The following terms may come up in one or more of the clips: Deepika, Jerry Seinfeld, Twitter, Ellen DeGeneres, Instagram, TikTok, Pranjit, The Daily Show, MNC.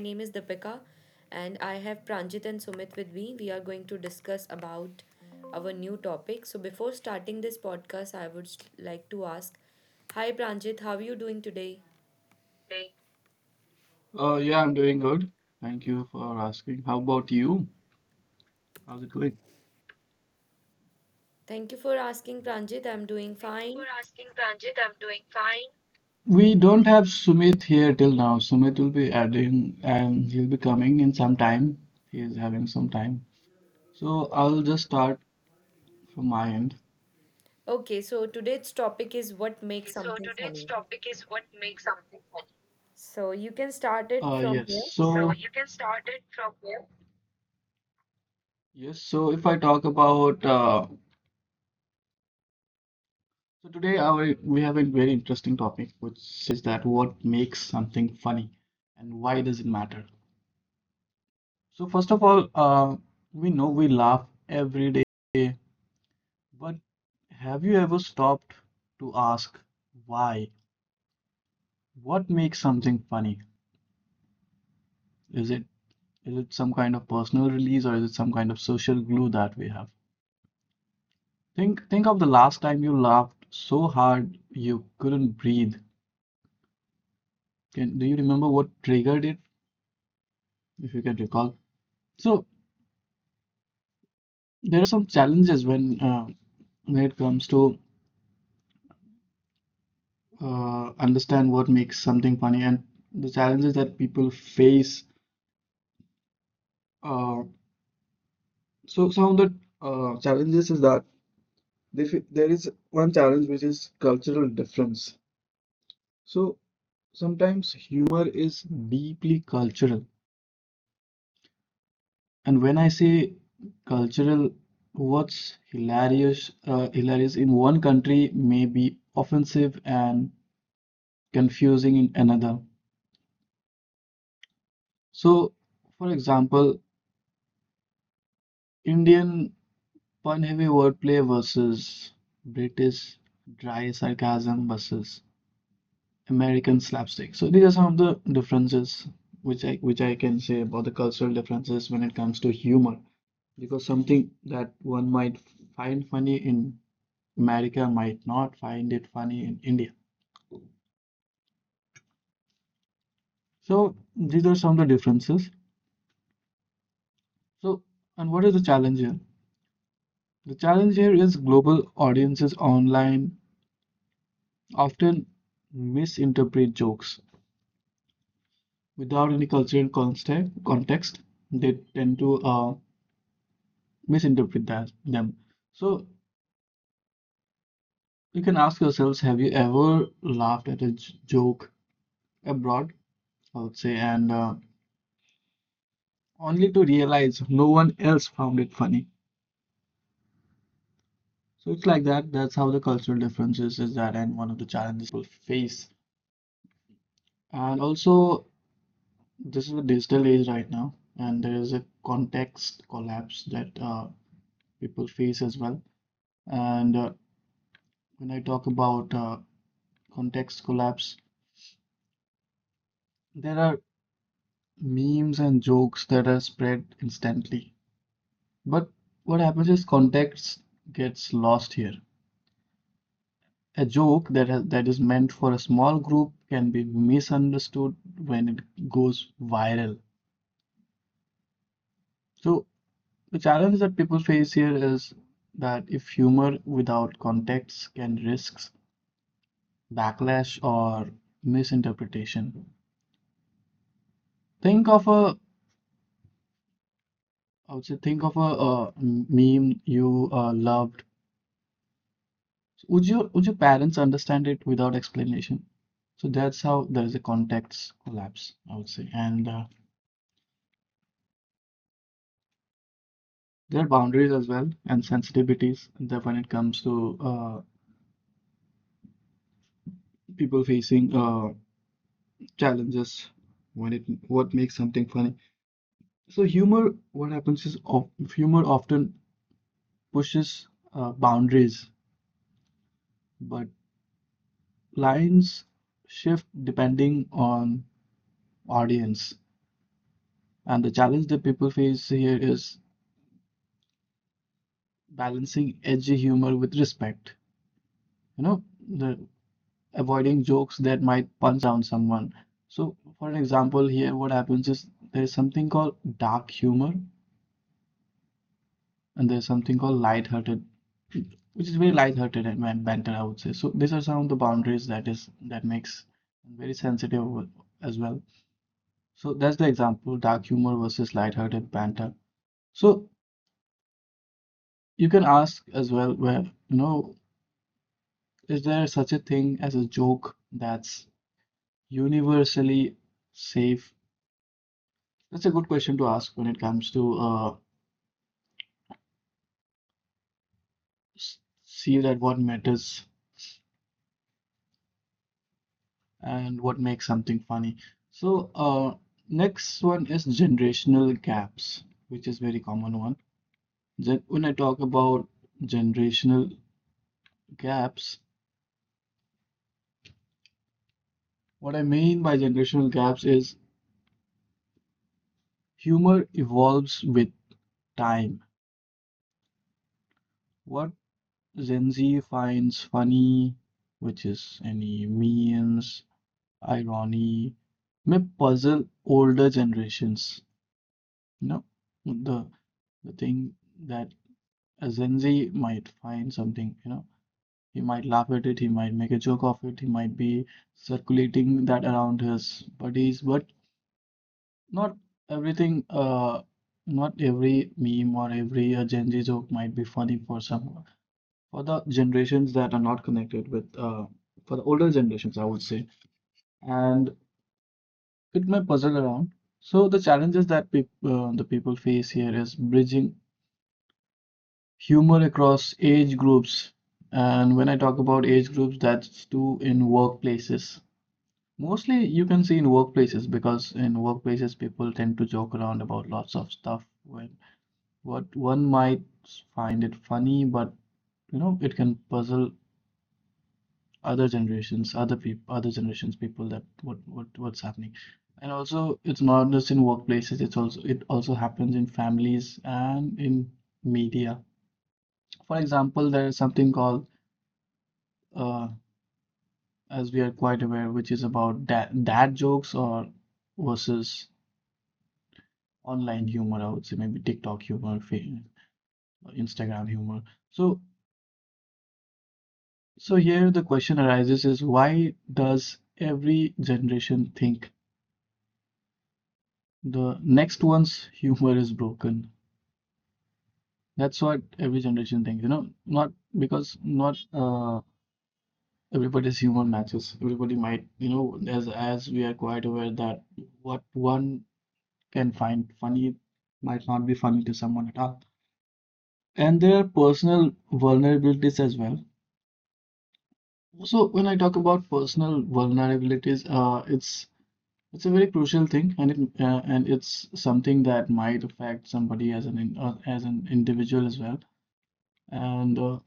name is Deepika, and I have Pranjit and Sumit with me. We are going to discuss about our new topic. So, before starting this podcast, I would like to ask, "Hi, Pranjit, how are you doing today?" Yeah, I'm doing good. Thank you for asking. How about you? How's it going? Thank you for asking, Pranjit. I'm doing fine. We don't have Sumit here till now. Sumit will be adding and he'll be coming in some time. He is having some time. So I'll just start from my end. Okay, so today's topic is what makes something funny. So you can start it from Yes. here. So you can start it from here. Yes. So if I talk about today our we have a very interesting topic which says that what makes something funny and why does it matter? So first of all, we know we laugh every day, but have you ever stopped to ask why? What makes something funny? Is it is it some kind of personal release or is it some kind of social glue that we have? Think of the last time you laughed so hard you couldn't breathe. Do you remember what triggered it, if you can recall? So there some challenges when it comes to understand what makes something funny and the challenges that people face. Uh, so some of the challenges is that there is one challenge which is cultural difference. So sometimes humor is deeply cultural, and when I say cultural, what's hilarious hilarious in one country may be offensive and confusing in another. So, for example, Indian Pun heavy wordplay versus British dry sarcasm versus American slapstick. So these are some of the differences which I can say about the cultural differences when it comes to humor. Because something that one might find funny in America might not find it funny in India. So these are some of the differences. So and what is the challenge here? The challenge here is global audiences online often misinterpret jokes without any cultural context, they tend to misinterpret that them. So you can ask yourselves, have you ever laughed at a joke abroad, I would say, and only to realize no one else found it funny. So it's like that. That's how the cultural differences is that, and one of the challenges face. And also, this is a digital age right now, and there is a context collapse that people face as well. And when I talk about context collapse. There are memes and jokes that are spread instantly. But what happens is context gets lost here. A joke that is meant for a small group can be misunderstood when it goes viral. So the challenge that people face here is that if humor without context can risk backlash or misinterpretation. Think of a I would say think of a meme you loved. Would your parents understand it without explanation? So that's how there is a context collapse, I would say, and there are boundaries as well and sensitivities that when it comes to people facing challenges, when it what makes something funny. So humor, what happens is humor often pushes boundaries, but lines shift depending on audience. And the challenge that people face here is balancing edgy humor with respect, you know, the, avoiding jokes that might punch down someone. So, for an example, here what happens is there is something called dark humor and there's something called light-hearted, which is very light-hearted and banter, I would say. So, these are some of the boundaries that makes very sensitive as well. So, that's the example, dark humor versus light-hearted banter. So, you can ask as well where, you know, is there such a thing as a joke that's universally safe. That's a good question to ask when it comes to see that what matters and what makes something funny. So next one is generational gaps, which is very common one. When I talk about generational gaps, what I mean by generational gaps is humor evolves with time. What Gen Z finds funny, which is any memes irony may puzzle older generations. You know, the the thing that a Gen Z might find something, you know, he might laugh at it, he might make a joke of it, he might be circulating that around his buddies, but not everything, not every meme or every Gen Z joke might be funny for some for the generations that are not connected with, for the older generations, I would say. And it may puzzle around. So the challenges that peop the people face here is bridging humor across age groups. And when I talk about age groups, that's too in workplaces. Mostly you can see in workplaces because in workplaces people tend to joke around about lots of stuff when what one might find it funny, but you know it can puzzle other generations, other people, other generations people that what what's happening. And also, it's not just in workplaces, it's also it also happens in families and in media. For example, there is something called uh, as we are quite aware, which is about dad jokes or versus online humor, I would say maybe TikTok humor, Instagram humor. So so here the question arises is why does every generation think the next one's humor is broken. That's what every generation thinks, you know, not because not everybody's humor matches. Everybody might, you know, as we are quite aware that what one can find funny might not be funny to someone at all. And there are personal vulnerabilities as well. So when I talk about personal vulnerabilities, it's a very crucial thing, and it and it's something that might affect somebody as an as an individual as well. And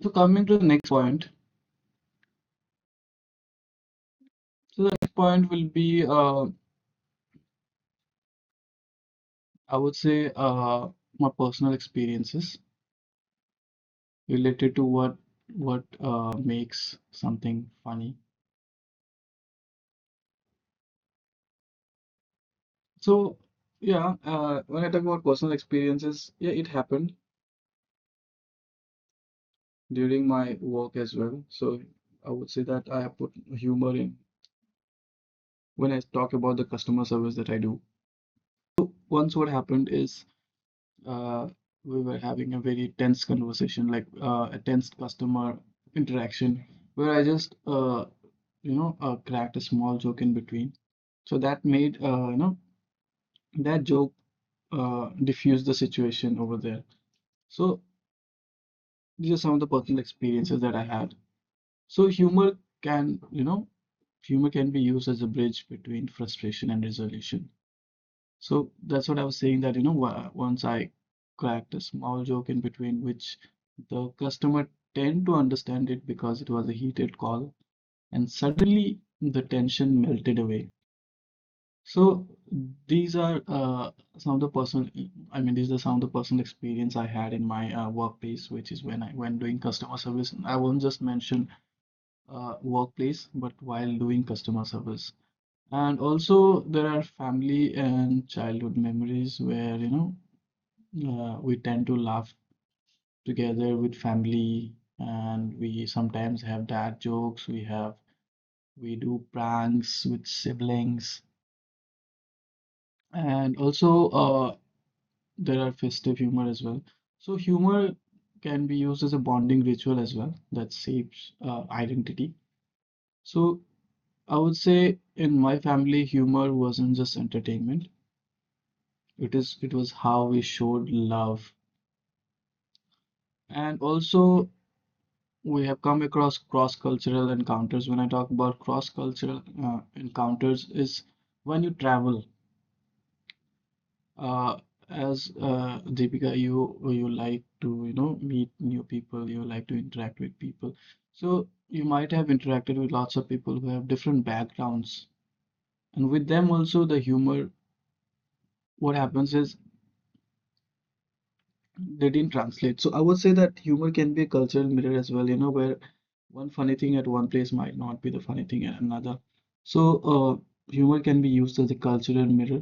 so coming to the next point, so the next point will be, I would say, my personal experiences related to what makes something funny. So yeah, when I talk about personal experiences, yeah, it happened during my work as well. So I would say that I have put humor in when I talk about the customer service that I do. So once what happened is uh, we were having a very tense conversation, like a tense customer interaction, where I just, you know, cracked a small joke in between. So that made, you know, that joke diffuse the situation over there. So these are some of the personal experiences that I had. So humor can, you know, humor can be used as a bridge between frustration and resolution. So that's what I was saying that, you know, once I cracked a small joke in between, which the customer tend to understand it because it was a heated call, and suddenly the tension melted away. So these are some of the personal, I mean, these are some of the personal experience I had in my workplace, which is when I when doing customer service. I won't just mention workplace, but while doing customer service. And also, there are family and childhood memories where, you know, we tend to laugh together with family, and we sometimes have dad jokes. We do pranks with siblings, and also there are festive humor as well. So humor can be used as a bonding ritual as well that shapes identity. So I would say in my family, humor wasn't just entertainment. It was how we showed love. And also we have come across cross-cultural encounters. When I talk about cross-cultural encounters, is when you travel. Uh, as Deepika, you like to you know meet new people. You like to interact with people. So you might have interacted with lots of people who have different backgrounds, and with them also the humor. What happens is they didn't translate. So I would say that humor can be a cultural mirror as well, you know, where one funny thing at one place might not be the funny thing at another. So humor can be used as a cultural mirror.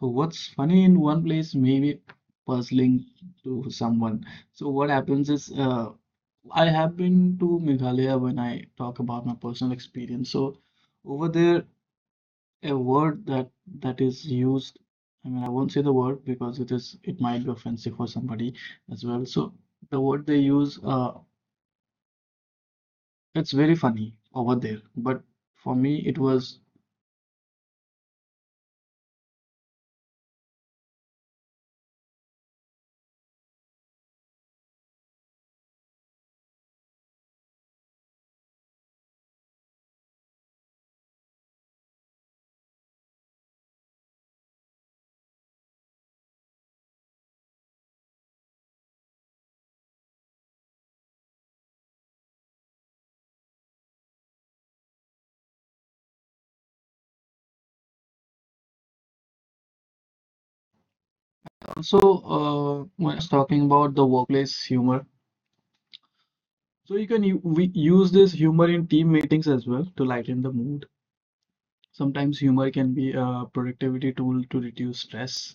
So what's funny in one place may be puzzling to someone. So what happens is I have been to Meghalaya when I talk about my personal experience. So over there, a word that is used I mean I won't say the word because it is it might be offensive for somebody as well so the word they use it's very funny over there but for me it was. So, when it's talking about the workplace humor, so you can we use this humor in team meetings as well to lighten the mood. Sometimes humor can be a productivity tool to reduce stress.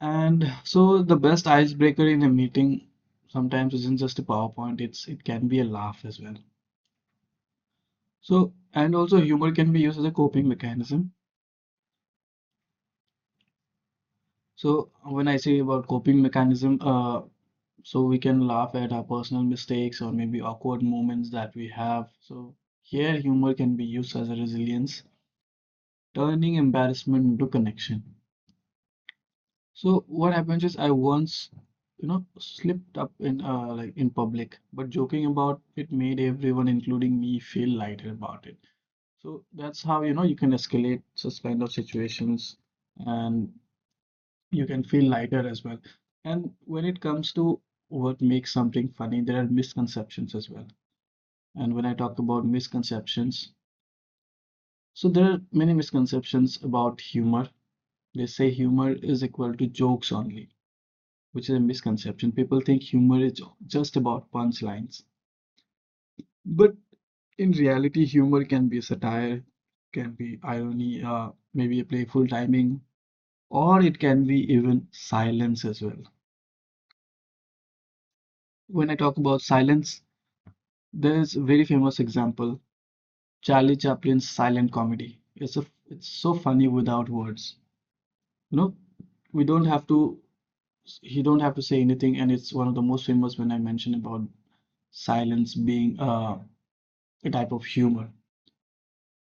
And so the best icebreaker in a meeting sometimes isn't just a PowerPoint, it can be a laugh as well. So, and also humor can be used as a coping mechanism. So when I say about coping mechanism, so we can laugh at our personal mistakes or maybe awkward moments that we have. So here humor can be used as a resilience, turning embarrassment into connection. So what happens is I once, slipped up in like in public, but joking about it made everyone, including me, feel lighter about it. So that's how, you know, you can escalate such kind of situations and you can feel lighter as well. And when it comes to what makes something funny, there are misconceptions as well. And when I talk about misconceptions, so there are many misconceptions about humor. They say humor is equal to jokes only, which is a misconception. People think humor is just about punchlines, but in reality, humor can be satire, can be irony, maybe a playful timing, or it can be even silence as well. When I talk about silence, there is a very famous example, Charlie Chaplin's silent comedy. It's so funny without words. You know, we don't have to, he don't have to say anything, and it's one of the most famous when I mentioned about silence being a type of humor.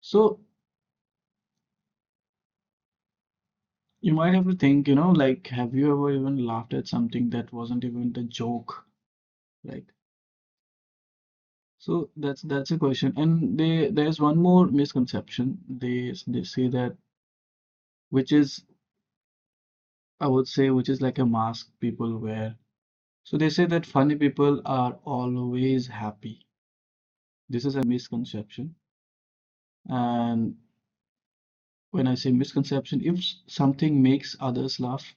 So you might have to think, you know, like, have you ever even laughed at something that wasn't even the joke? Like, so that's a question. And they there's one more misconception. They say that, which is, I would say, which is like a mask people wear. So they say that funny people are always happy. This is a misconception. And when I say misconception, if something makes others laugh,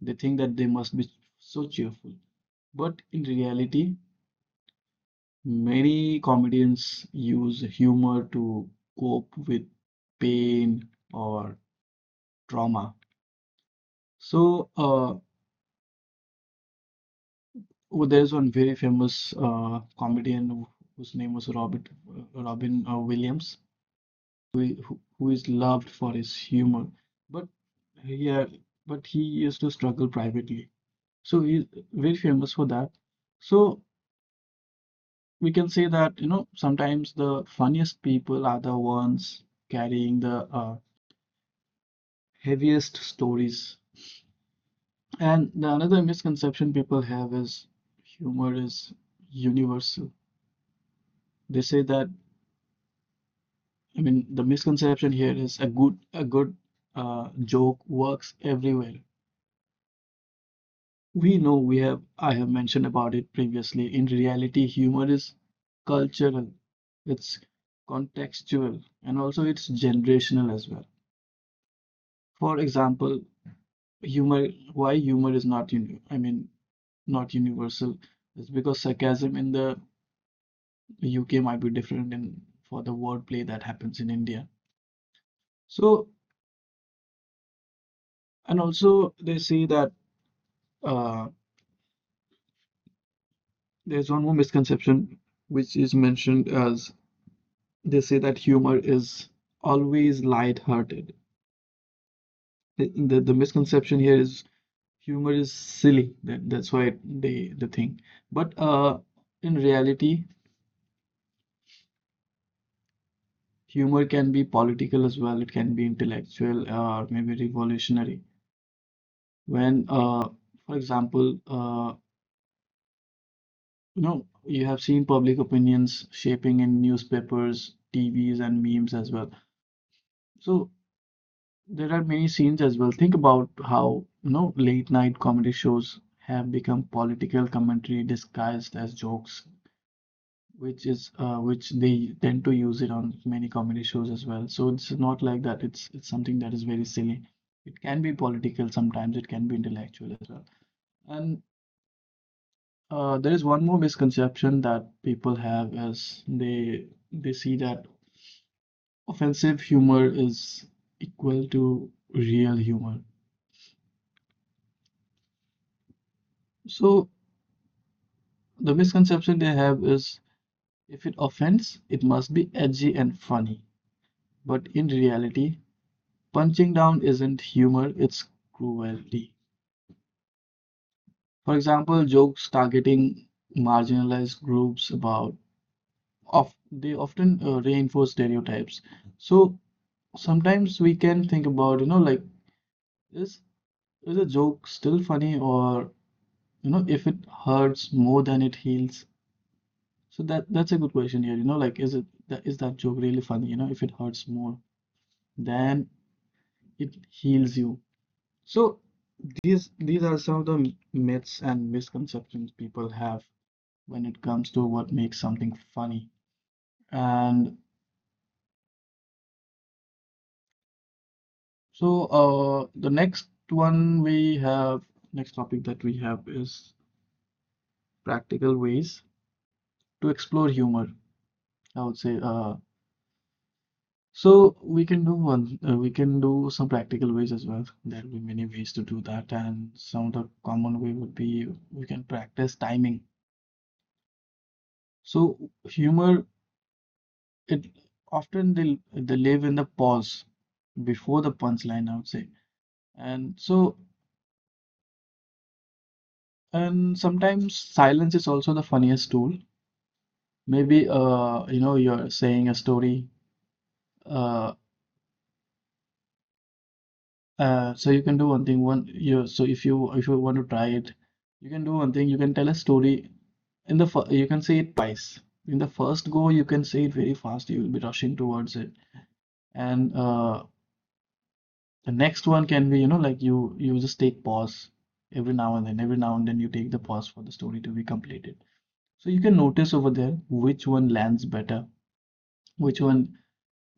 they think that they must be so cheerful. But in reality, many comedians use humor to cope with pain or trauma. So, oh, there's one very famous comedian whose name was Robert Robin Williams, who, who is loved for his humor. But yeah, but he used to struggle privately. So he's very famous for that. So we can say that, you know, sometimes the funniest people are the ones carrying the heaviest stories. And the another misconception people have is humor is universal. They say that, I mean, the misconception here is a good joke works everywhere. We know we have I have mentioned about it previously. In reality, humor is cultural, it's contextual, and also it's generational as well. For example, humor, why humor is not uni I mean not universal is because sarcasm in the UK might be different in for the wordplay that happens in India. So, and also they say that uh, there's one more misconception which is mentioned as they say that humor is always light-hearted. The misconception here is humor is silly. That, that's why they the thing. But in reality, humor can be political as well. It can be intellectual or maybe revolutionary. When, for example, you know, you have seen public opinions shaping in newspapers, TVs, and memes as well. So there are many scenes as well. Think about how, you know, late night comedy shows have become political commentary disguised as jokes, which is which they tend to use it on many comedy shows as well. So it's not like that. It's something that is very silly. It can be political sometimes. It can be intellectual as well. And there is one more misconception that people have as they see that offensive humor is equal to real humor. So the misconception they have is if it offends, it must be edgy and funny. But in reality, punching down isn't humor, it's cruelty. For example, jokes targeting marginalized groups about of they often reinforce stereotypes. So sometimes we can think about, you know, like is is a joke still funny or you know if it hurts more than it heals? So that's a good question here, you know, like is it that is that joke really funny, you know, if it hurts more then it heals you. So these are some of the myths and misconceptions people have when it comes to what makes something funny. And so the next one we have, next topic that we have is practical ways to explore humor. I would say so we can do one, we can do some practical ways as well. There will be many ways to do that, and some of the common way would be we can practice timing. So humor, it often they live in the pause before the punchline, I would say. And so and sometimes silence is also the funniest tool. Maybe you know you're saying a story. Uh, so you can do one thing. One you so if you want to try it, you can do one thing. You can tell a story in the you can say it twice. In the first go, you can say it very fast. You will be rushing towards it. And the next one can be, you know, like you just take pause every now and then, every now and then you take the pause for the story to be completed. So you can notice over there which one lands better, which one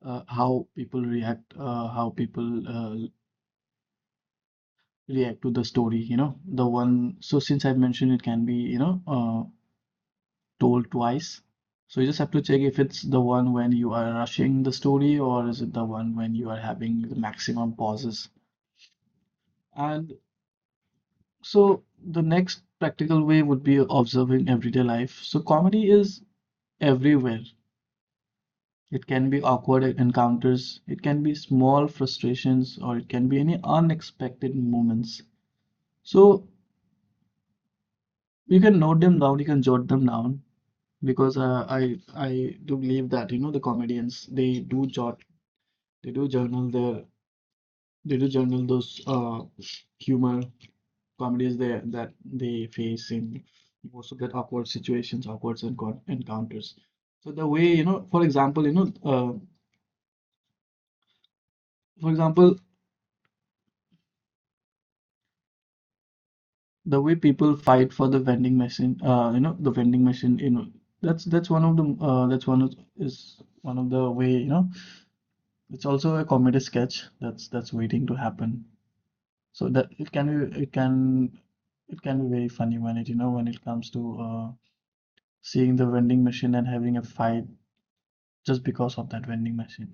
how people react to the story, you know, the one. So since I've mentioned it can be, you know, told twice. So you just have to check if it's the one when you are rushing the story or is it the one when you are having the maximum pauses. And so the next practical way would be observing everyday life. So comedy is everywhere. It can be awkward encounters, it can be small frustrations, or it can be any unexpected moments. So you can note them down, you can jot them down because I do believe that you know the comedians they do jot, they do journal their, they do journal those humor comedies they, that they face in most of that awkward situations, awkward encounters. So the way, you know, for example, you know, for example, the way people fight for the vending machine, you know, the vending machine, you know, that's one of the that's one of is one of the way, you know, it's also a comedy sketch that's waiting to happen. So that it can be it can be very funny when it you know when it comes to seeing the vending machine and having a fight just because of that vending machine.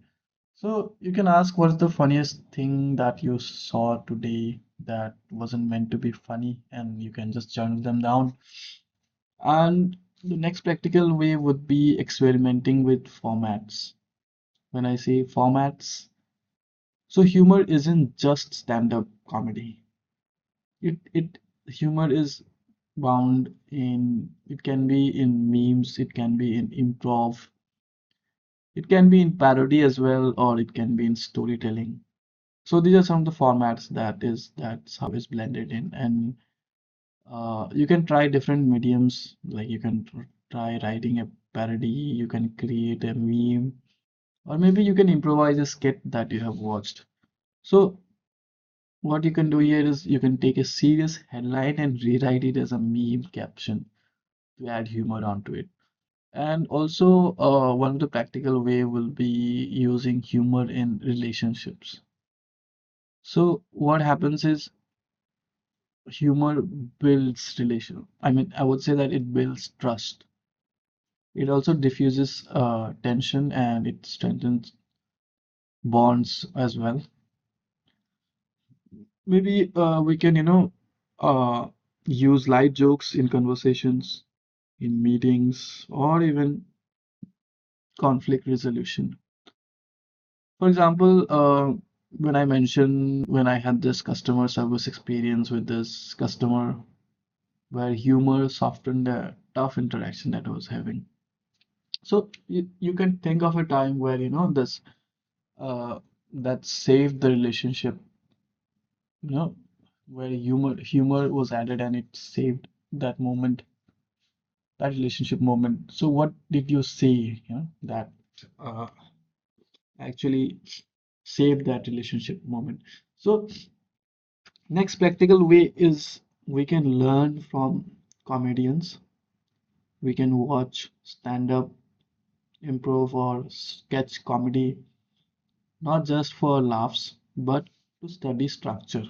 So you can ask what's the funniest thing that you saw today that wasn't meant to be funny, and you can just journal them down. And the next practical way would be experimenting with formats. When I say formats, so humor isn't just stand-up comedy. It humor is bound in it can be in memes, it can be in improv, it can be in parody as well, or it can be in storytelling. So these are some of the formats that is that's how it's blended in, and you can try different mediums. Like you can try writing a parody, you can create a meme, or maybe you can improvise a skit that you have watched. So what you can do here is you can take a serious headline and rewrite it as a meme caption to add humor onto it. And also, one of the practical way will be using humor in relationships. So what happens is humor builds relation. I mean, I would say that it builds trust. It also diffuses tension and it strengthens bonds as well. Maybe we can, you know, uh, use light jokes in conversations, in meetings, or even conflict resolution. For example, when I had this customer service experience with this customer, where humor softened a tough interaction that I was having. So you can think of a time where, you know, this uh that saved the relationship, you know, where humor was added and it saved that moment, that relationship moment. So what did you say you know, that uh actually saved that relationship moment? So next practical way is we can learn from comedians. We can watch stand-up, improv or sketch comedy not just for laughs but to study structure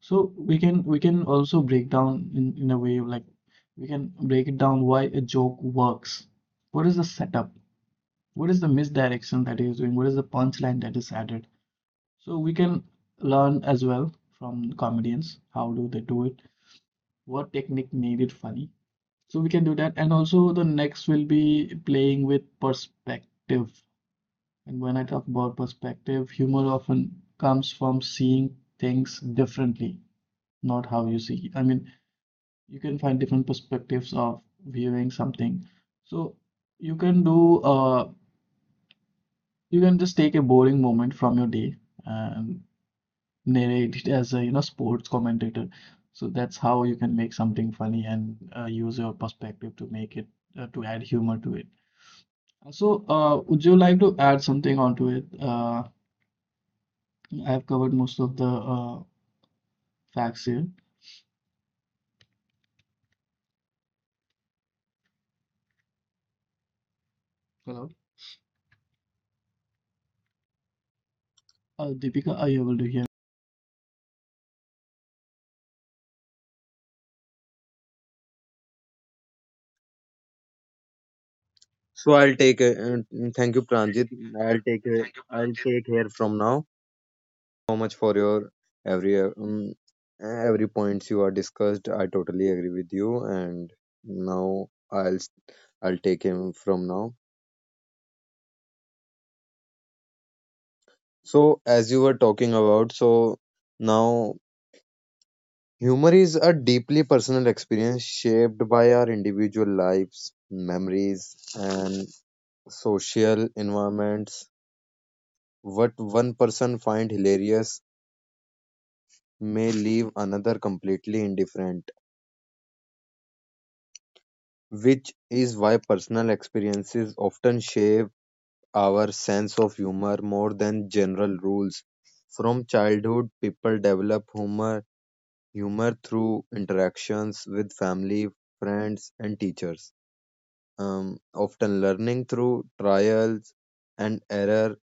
so we can also break down in a way like we can break it down why a joke works, what is the setup, what is the misdirection that is doing, what is the punchline that is added. So we can learn as well from comedians how do they do it, what technique made it funny. So we can do that and also the next will be playing with perspective. And when I talk about perspective, humor often comes from seeing things differently, not how you see. I mean, you can find different perspectives of viewing something. So you can do, you can just take a boring moment from your day and narrate it as a, you know, sports commentator. So that's how you can make something funny and use your perspective to make it, to add humor to it. So, would you like to add something onto it? I've covered most of the facts here. Hello. Deepika, are you able to hear So I'll take. Thank you, Pranjit. I'll take. I'll take here from now. Thank you so much for your every uh, um, every points you are discussed. I totally agree with you. And now I'll take him from now. So as you were talking about, so now humor is a deeply personal experience shaped by our individual lives, memories, and social environments. What one person find hilarious may leave another completely indifferent, which is why personal experiences often shape our sense of humor more than general rules. From childhood, people develop humor through interactions with family, friends, and teachers, often learning through trials and error,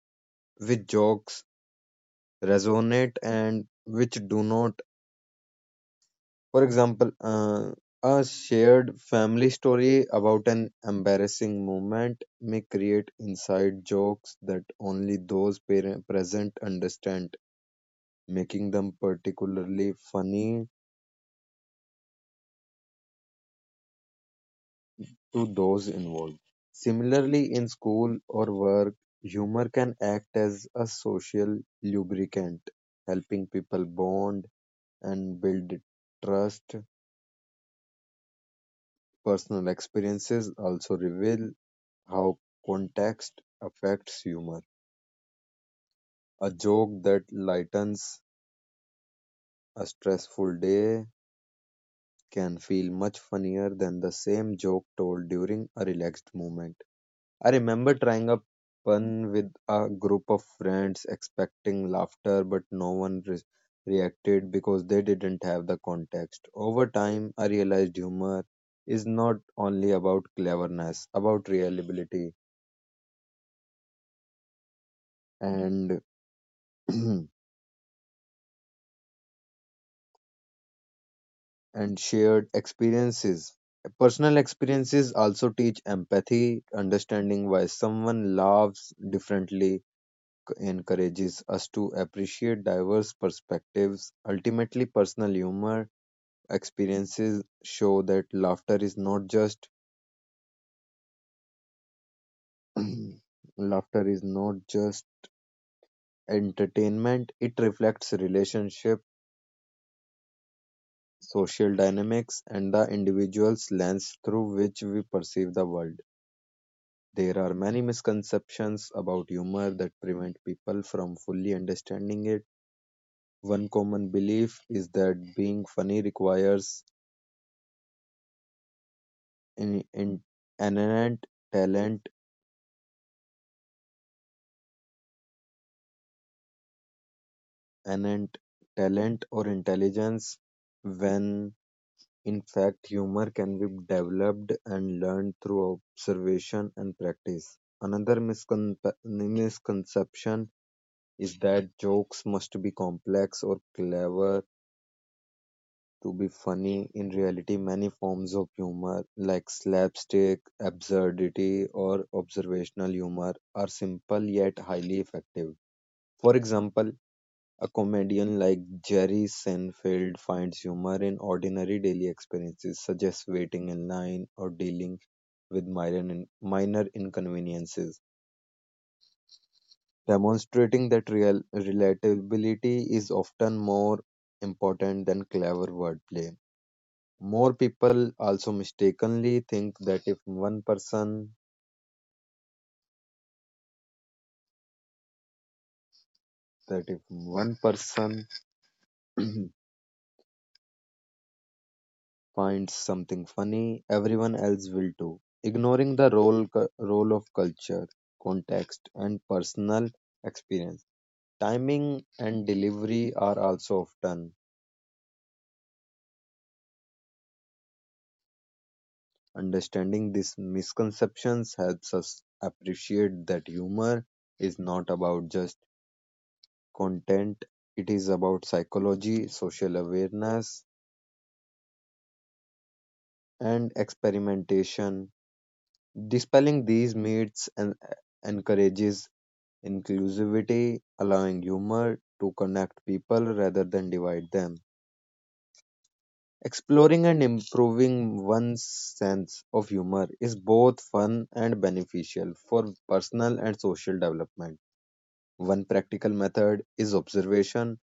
which jokes resonate and which do not. For example, a shared family story about an embarrassing moment may create inside jokes that only those parent present understand, making them particularly funny to those involved. Similarly, in school or work, humor can act as a social lubricant, helping people bond and build trust. Personal experiences also reveal how context affects humor. A joke that lightens a stressful day can feel much funnier than the same joke told during a relaxed moment. I remember trying a pun with a group of friends expecting laughter, but no one reacted because they didn't have the context. Over time, I realized humor is not only about cleverness, about reliability and and shared experiences. Personal experiences also teach empathy, understanding why someone laughs differently encourages us to appreciate diverse perspectives. Ultimately, personal humor experiences show that laughter is not just laughter is not just entertainment, it reflects relationship, social dynamics, and the individual's lens through which we perceive the world. There are many misconceptions about humor that prevent people from fully understanding it. One common belief is that being funny requires in, in, inherent talent, inherent talent or intelligence, when in fact humor can be developed and learned through observation and practice. Another misconception is that jokes must be complex or clever to be funny. In reality, many forms of humor, like slapstick, absurdity, or observational humor, are simple yet highly effective. For example, a comedian like Jerry Seinfeld finds humor in ordinary daily experiences, such as waiting in line or dealing with minor inconveniences, demonstrating that real relatability is often more important than clever wordplay. More people also mistakenly think that if one person finds something funny, everyone else will too, ignoring the role of culture, context, and personal experience. Timing and delivery are also often understanding these misconceptions helps us appreciate that humor is not about just content, it is about psychology, social awareness, and experimentation. Dispelling these myths and encourages inclusivity, allowing humor to connect people rather than divide them. Exploring and improving one's sense of humor is both fun and beneficial for personal and social development. One practical method is observation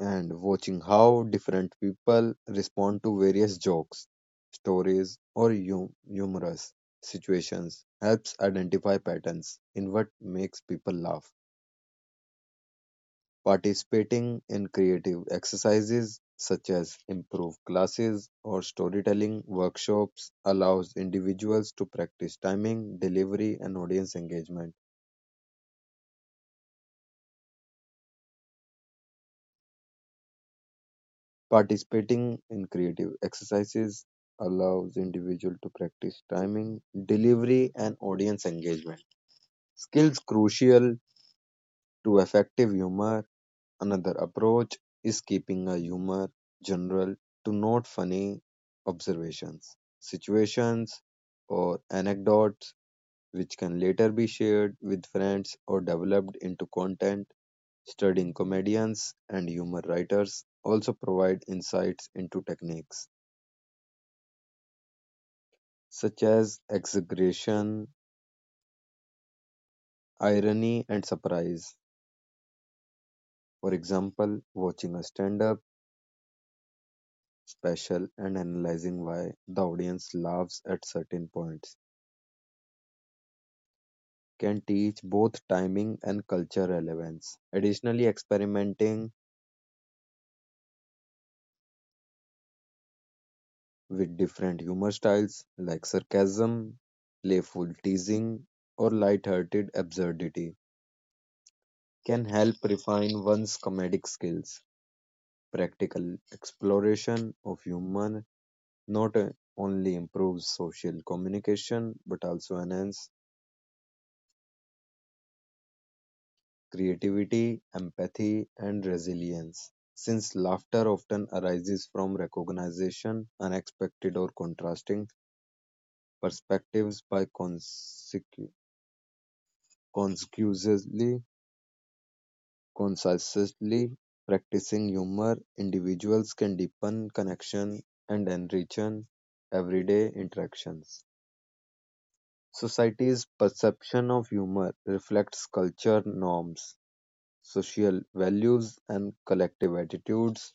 and watching how different people respond to various jokes, stories, or humorous situations helps identify patterns in what makes people laugh. Participating in creative exercises such as improv classes or storytelling workshops allows individuals to practice timing, delivery, and audience engagement. Participating in creative exercises allows individual to practice timing, delivery, and audience engagement. Skills crucial to effective humor. Another approach is keeping a humor general to not funny observations, situations, or anecdotes which can later be shared with friends or developed into content. Studying comedians and humor writers also provide insights into techniques such as exaggeration, irony, and surprise. For example, watching a stand up special and analyzing why the audience laughs at certain points can teach both timing and culture relevance. Additionally, experimenting with different humor styles like sarcasm, playful teasing, or light-hearted absurdity can help refine one's comedic skills. Practical exploration of humor not only improves social communication but also enhance creativity, empathy, and resilience. Since laughter often arises from recognition, unexpected or contrasting perspectives by consecutively, consistently practicing humor, individuals can deepen connection and enrich everyday interactions. Society's perception of humor reflects culture norms, social values, and collective attitudes.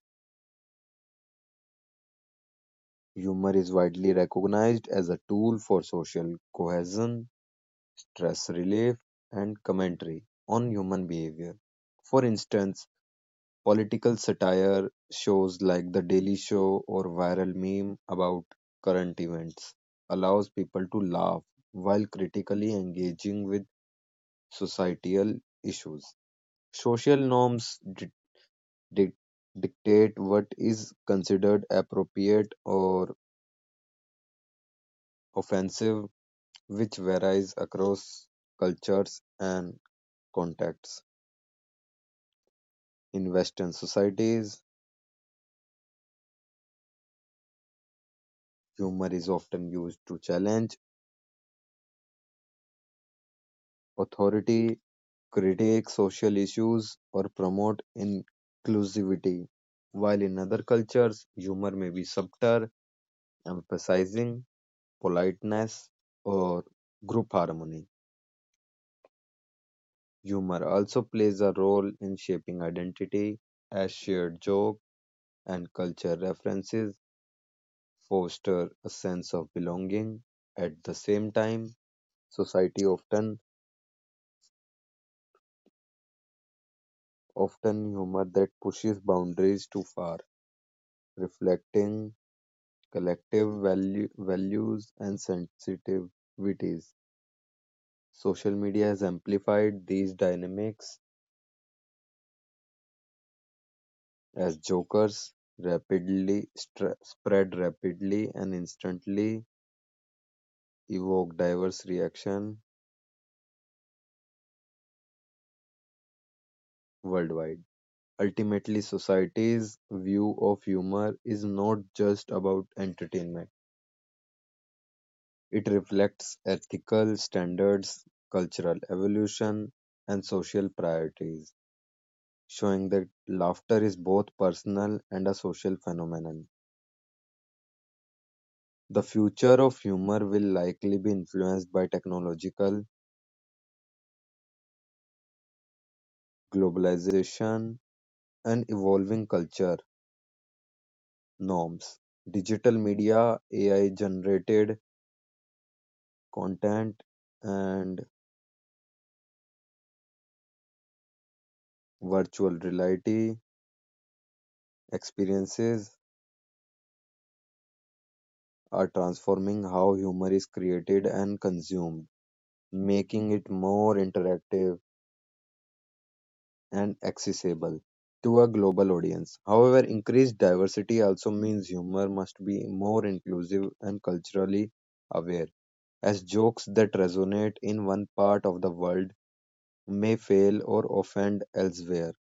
Humor is widely recognized as a tool for social cohesion, stress relief, and commentary on human behavior. For instance, political satire shows like The Daily Show or viral meme about current events allows people to laugh while critically engaging with societal issues. Social norms di- dictate what is considered appropriate or offensive, which varies across cultures and contexts. In Western societies, humor is often used to challenge authority, critique social issues, or promote inclusivity, while in other cultures, humor may be subtle, emphasizing politeness or group harmony. Humor also plays a role in shaping identity, as shared joke and culture references foster a sense of belonging. At the same time, society often humor that pushes boundaries too far, reflecting collective values and sensitivities. Social media has amplified these dynamics as jokers rapidly spread rapidly and instantly evoke diverse reaction worldwide. Ultimately, society's view of humor is not just about entertainment. It reflects ethical standards, cultural evolution, and social priorities, showing that laughter is both personal and a social phenomenon. The future of humor will likely be influenced by technological globalization and evolving culture norms. Digital media, AI generated content and virtual reality experiences are transforming how humor is created and consumed, making it more interactive and accessible to a global audience. However, increased diversity also means humor must be more inclusive and culturally aware, as jokes that resonate in one part of the world may fail or offend elsewhere.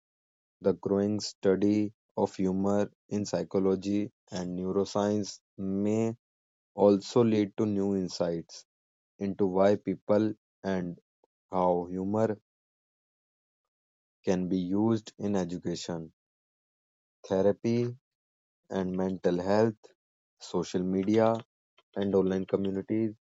The growing study of humor in psychology and neuroscience may also lead to new insights into why people and how humor can be used in education, therapy, and mental health. Social media and online communities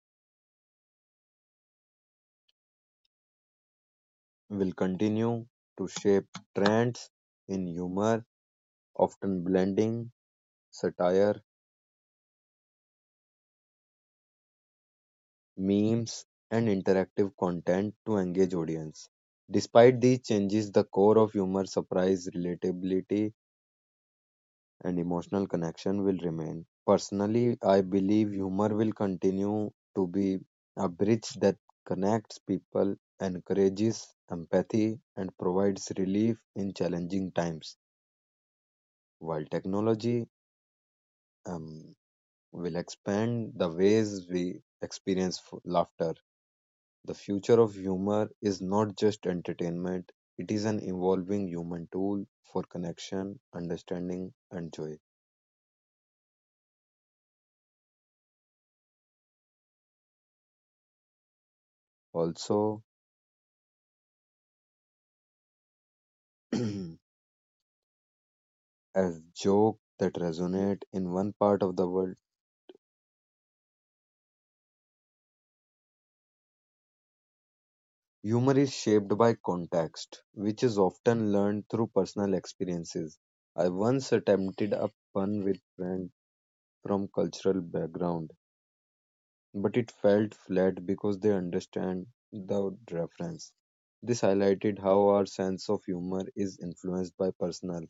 will continue to shape trends in humor, often blending satire memes, and interactive content to engage audience. Despite these changes, the core of humor, surprise, relatability, and emotional connection will remain. Personally, I believe humor will continue to be a bridge that connects people, encourages empathy, and provides relief in challenging times, while technology um, will expand the ways we experience laughter. The future of humor is not just entertainment, it is an evolving human tool for connection, understanding, and joy. Also, as joke that resonate in one part of the world, humor is shaped by context, which is often learned through personal experiences. I once attempted a pun with friend from cultural background but it felt flat because they understand the reference. This highlighted how our sense of humor is influenced by personal,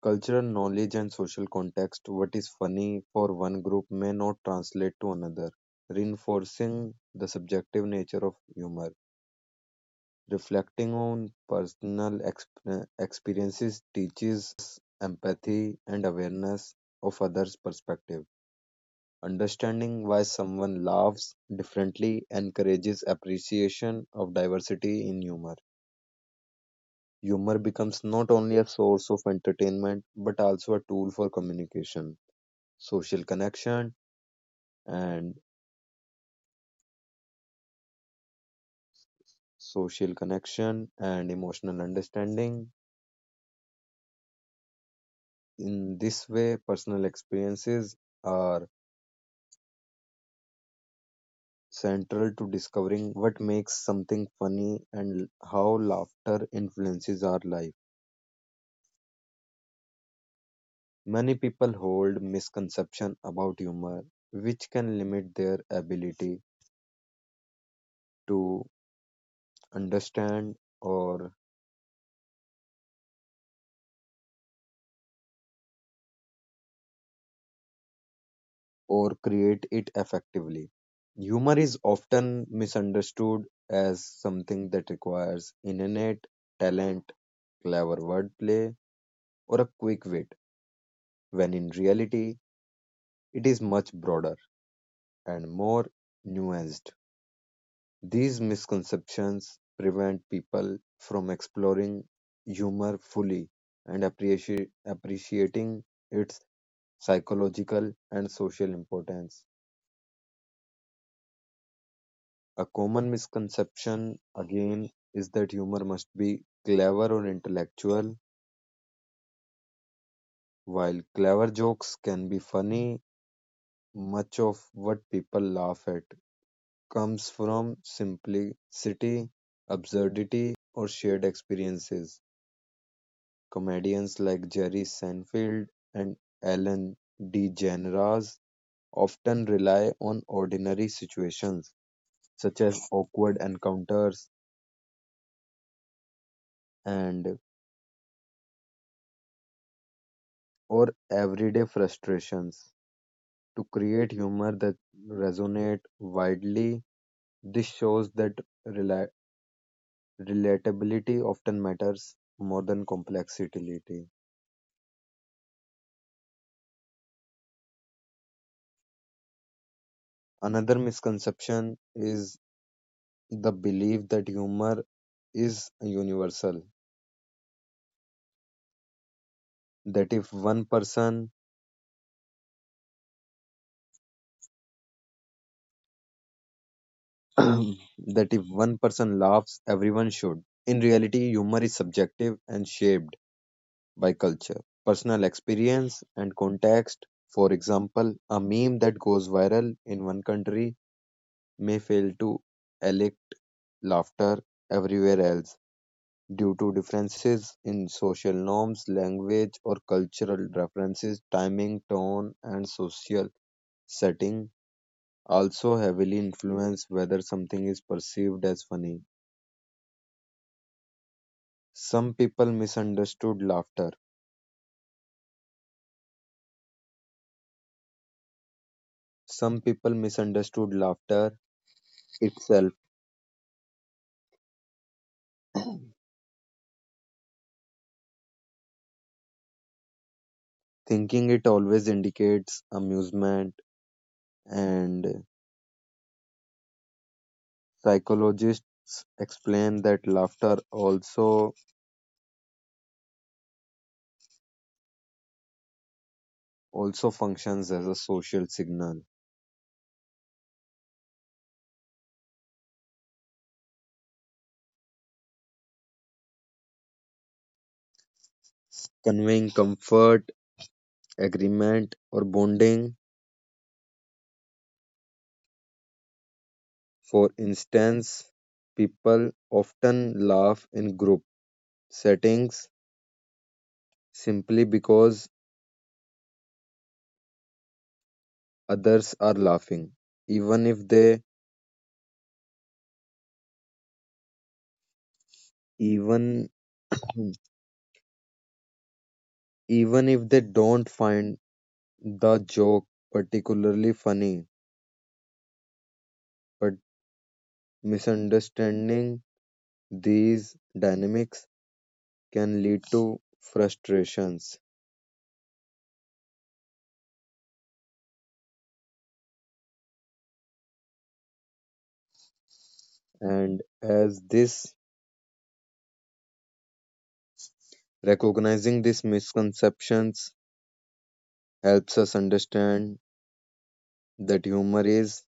cultural knowledge and social context. What is funny for one group may not translate to another, reinforcing the subjective nature of humor. Reflecting on personal experiences teaches us empathy and awareness of others' perspective. Understanding why someone laughs differently encourages appreciation of diversity in humor. Humor becomes not only a source of entertainment but also a tool for communication, social connection, and social connection and emotional understanding. In this way, personal experiences are central to discovering what makes something funny and how laughter influences our life. Many people hold misconceptions about humor, which can limit their ability to understand or create it effectively. Humor is often misunderstood as something that requires innate talent, clever wordplay, or a quick wit, when in reality it is much broader and more nuanced. These misconceptions prevent people from exploring humor fully and appreciating its psychological and social importance. A common misconception, again, is that humor must be clever or intellectual. While clever jokes can be funny, much of what people laugh at comes from simplicity, absurdity, or shared experiences. Comedians like Jerry Seinfeld and Ellen DeGeneres often rely on ordinary situations, such as awkward encounters and or everyday frustrations, to create humor that resonate widely. This shows that rela- relatability often matters more than complexity. Another misconception is the belief that humor is universal, that if one person that if one person laughs, everyone should. In reality, humor is subjective and shaped by culture, personal experience, and context. For example, a meme that goes viral in one country may fail to elicit laughter everywhere else due to differences in social norms, language, or cultural references, timing, tone, and social setting also heavily influence whether something is perceived as funny. Some people misunderstood laughter. Some people misunderstood laughter itself, thinking it always indicates amusement, and psychologists explain that laughter also functions as a social signal, conveying comfort, agreement, or bonding. For instance, people often laugh in group settings simply because others are laughing even if they even even if they don't find the joke particularly funny, but misunderstanding these dynamics can lead to frustrations, and as this recognizing these misconceptions helps us understand that humor is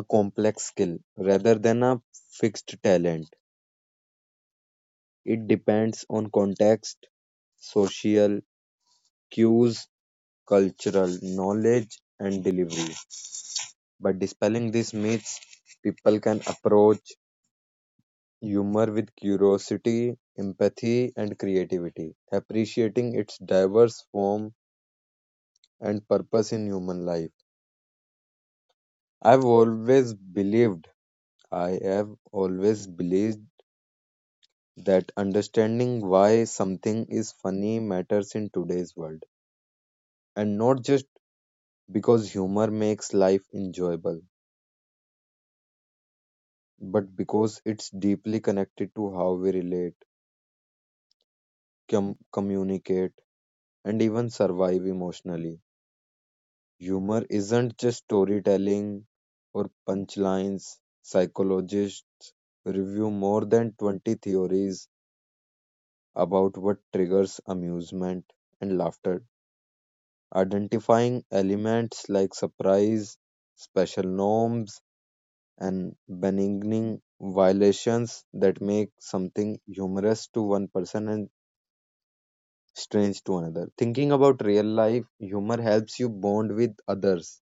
a complex skill rather than a fixed talent. It depends on context, social cues, cultural knowledge, and delivery. By dispelling these myths, people can approach humor with curiosity, empathy, and creativity, appreciating its diverse form and purpose in human life. I've always believed, I have always believed that understanding why something is funny matters in today's world, and not just because humor makes life enjoyable but because it's deeply connected to how we relate, communicate, and even survive emotionally. Humor isn't just storytelling or punchlines. Psychologists review more than 20 theories about what triggers amusement and laughter, identifying elements like surprise, special norms, and benigning violations that make something humorous to one person and strange to another. Thinking about real life, humor helps you bond with others.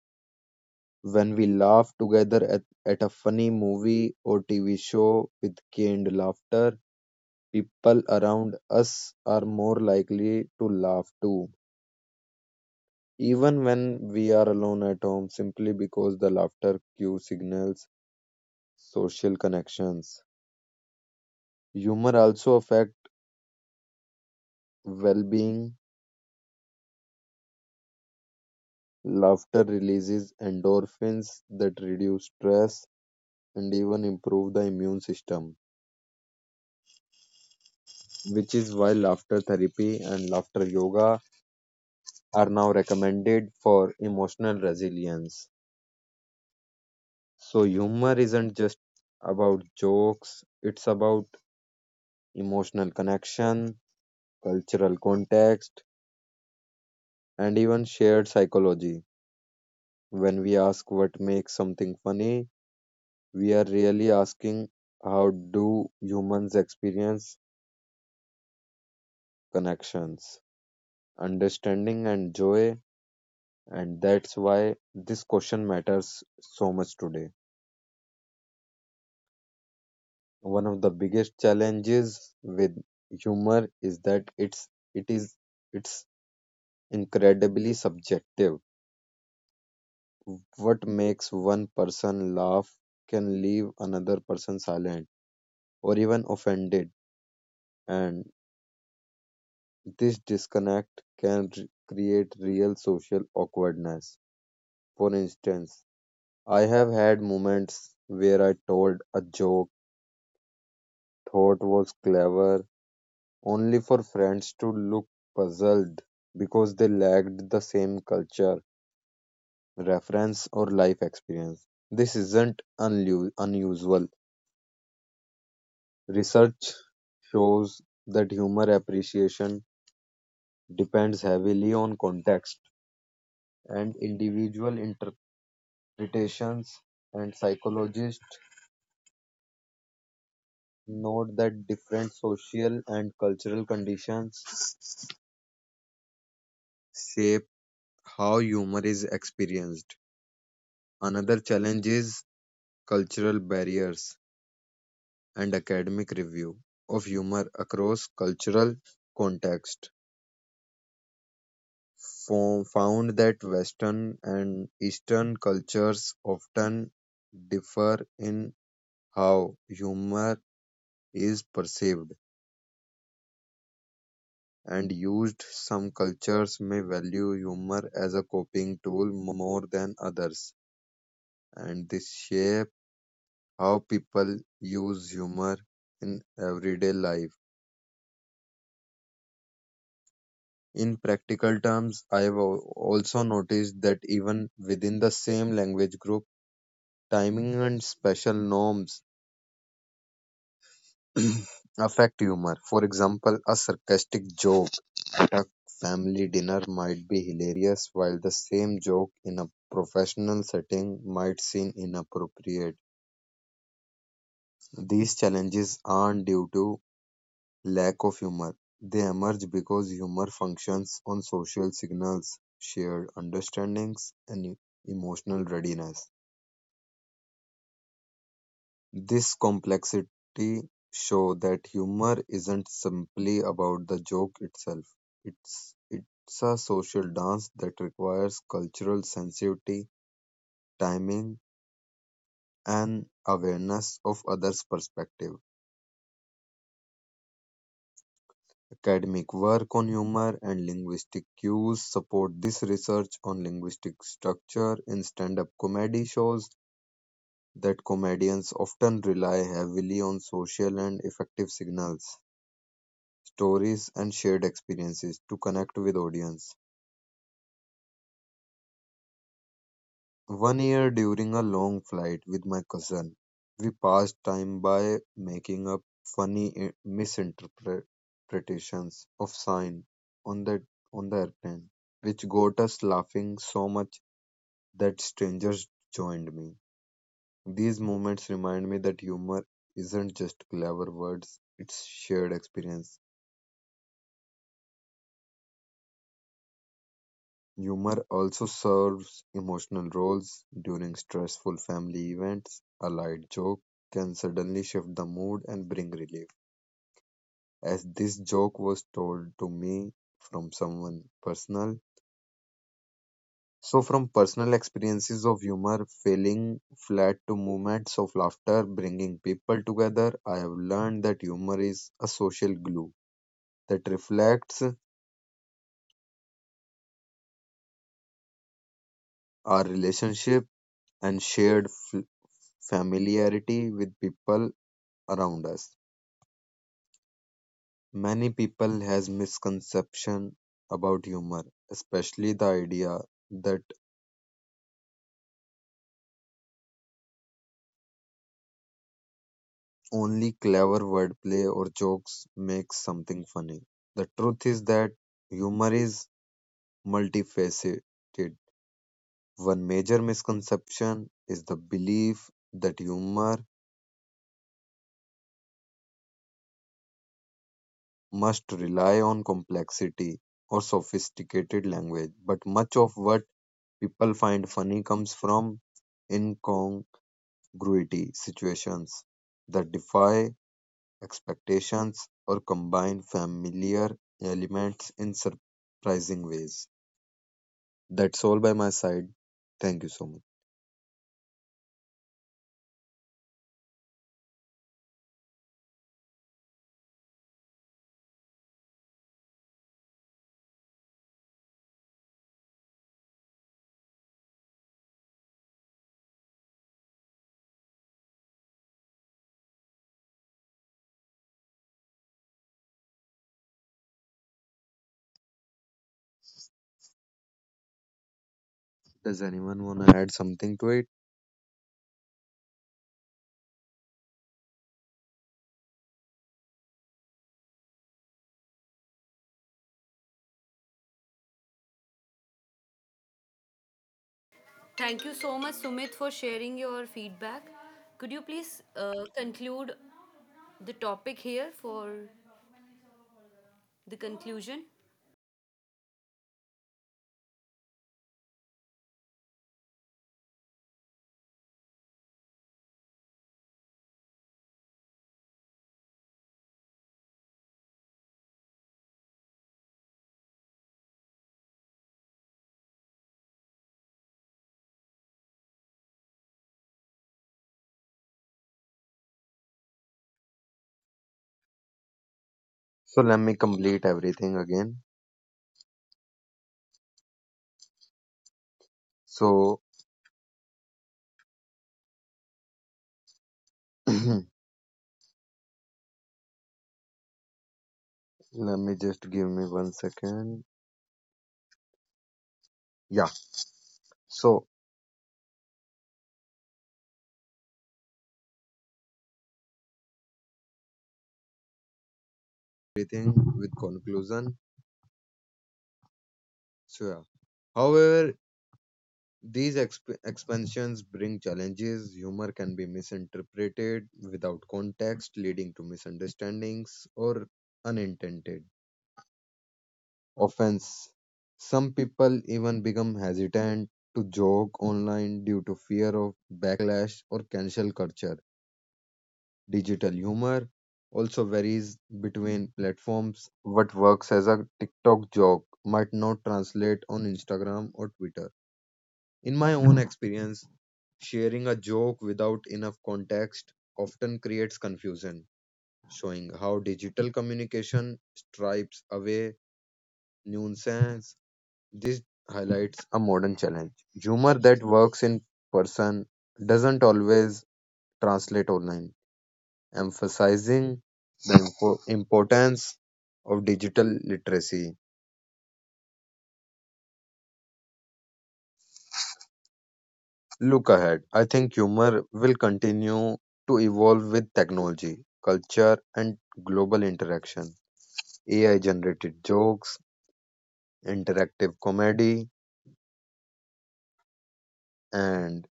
When we laugh together at a funny movie or TV show with canned laughter, people around us are more likely to laugh too, even when we are alone at home, simply because the laughter cue signals social connections. Humor also affects well being. Laughter releases endorphins that reduce stress and even improve the immune system, which is why laughter therapy and laughter yoga are now recommended for emotional resilience. So humor isn't just about jokes, it's about emotional connection, cultural context, and even shared psychology. When we ask what makes something funny, we are really asking how do humans experience connections, understanding, and joy, and that's why this question matters so much today. One of the biggest challenges with humor is that it's it is it's incredibly subjective. What makes one person laugh can leave another person silent or even offended, and this disconnect can create real social awkwardness. For instance, I have had moments where I told a joke thought was clever only for friends to look puzzled because they lacked the same culture, reference, or life experience. This isn't unusual. Research shows that humor appreciation depends heavily on context and individual interpretations, and psychologists note that different social and cultural conditions shape how humor is experienced. Another challenge is cultural barriers, and academic review of humor across cultural context found that Western and Eastern cultures often differ in how humor is perceived and used. Some cultures may value humor as a coping tool more than others, and this shape how people use humor in everyday life. In practical terms, I've also noticed that even within the same language group, timing and special norms affect humor. For example, a sarcastic joke at a family dinner might be hilarious, while the same joke in a professional setting might seem inappropriate. These challenges aren't due to lack of humor. They emerge because humor functions on social signals, shared understandings, and emotional readiness. This complexity show that humor isn't simply about the joke itself. It's a social dance that requires cultural sensitivity, timing, and awareness of others' perspective. Academic work on humor and linguistic cues support this research on linguistic structure in stand-up comedy shows that comedians often rely heavily on social and affective signals, stories, and shared experiences to connect with audience. One year during a long flight with my cousin, we passed time by making up funny misinterpretations of sign on the airplane, which got us laughing so much that strangers joined me. These moments remind me that humor isn't just clever words, it's shared experience. Humor also serves emotional roles during stressful family events. A light joke can suddenly shift the mood and bring relief. As this joke was told to me from someone personal, so from personal experiences of humor, feeling flat to moments of laughter, bringing people together, I have learned that humor is a social glue that reflects our relationship and shared familiarity with people around us. Many people has misconception about humor, especially the idea that only clever wordplay or jokes makes something funny. The truth is that humor is multifaceted. One major misconception is the belief that humor must rely on complexity or sophisticated language, but much of what people find funny comes from Gruity situations that defy expectations or combine familiar elements in surprising ways. That's all by my side. Thank you so much. Does anyone want to add something to it? Thank you so much, Sumit, for sharing your feedback. Could you please conclude the topic here for the conclusion. So let me complete everything again. So let me just give me one second. Yeah. So everything with conclusion. So yeah. However, these expansions bring challenges. Humor can be misinterpreted without context, leading to misunderstandings or unintended offense. Some people even become hesitant to joke online due to fear of backlash or cancel culture. Digital humor also varies between platforms. What works as a TikTok joke might not translate on Instagram or Twitter. In my own experience, sharing a joke without enough context often creates confusion, showing how digital communication stripes away nuisance. This highlights a modern challenge. Humor that works in person doesn't always translate online, emphasizing the importance of digital literacy. Look ahead. I think humor will continue to evolve with technology, culture, and global interaction. AI generated jokes, interactive comedy, and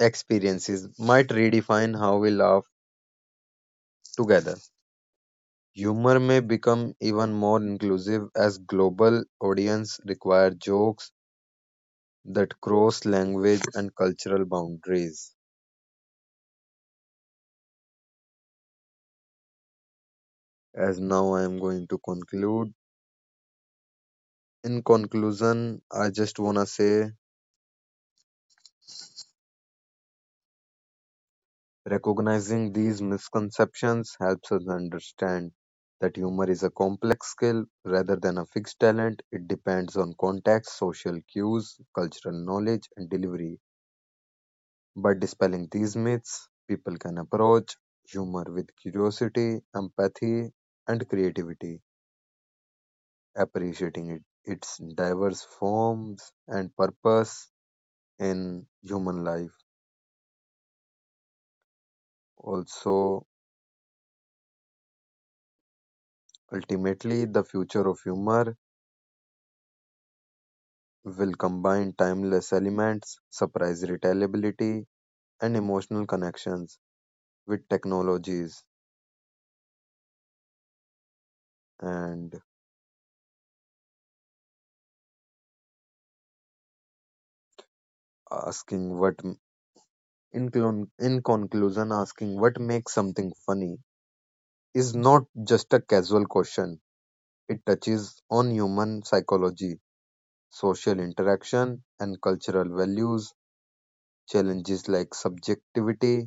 experiences might redefine how we laugh together. Humor may become even more inclusive as global audience require jokes that cross language and cultural boundaries. As now I am going to conclude. In conclusion, I just wanna say recognizing these misconceptions helps us understand that humor is a complex skill rather than a fixed talent. It depends on context, social cues, cultural knowledge, and delivery. By dispelling these myths, people can approach humor with curiosity, empathy, and creativity, appreciating it, its diverse forms and purpose in human life. Also, ultimately, the future of humor will combine timeless elements, surprise retailability, and emotional connections with technologies. And asking what, in conclusion, asking what makes something funny is not just a casual question, it touches on human psychology, social interaction, and cultural values, challenges like subjectivity.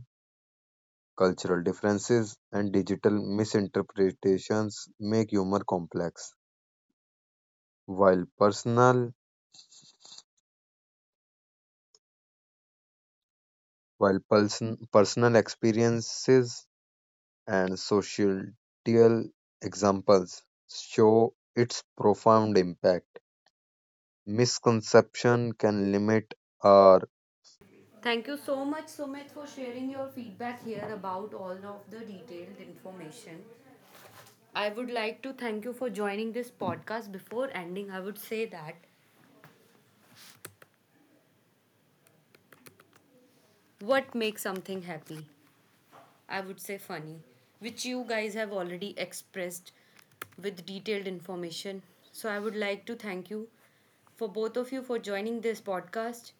Cultural differences and digital misinterpretations make humor complex. While personal while person, personal experiences and societal examples show its profound impact, misconception can limit our. Thank you so much, Sumit, for sharing your feedback here about all of the detailed information. I would like to thank you for joining this podcast. Before ending, I would say that what makes something happy? I would say funny, which you guys have already expressed with detailed information. So I would like to thank you for both of you for joining this podcast.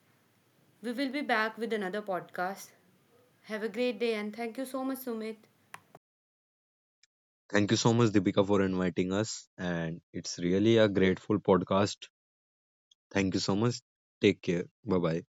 We will be back with another podcast. Have a great day and thank you so much, Sumit. Thank you so much, Deepika, for inviting us, and it's really a grateful podcast. Thank you so much. Take care. Bye bye.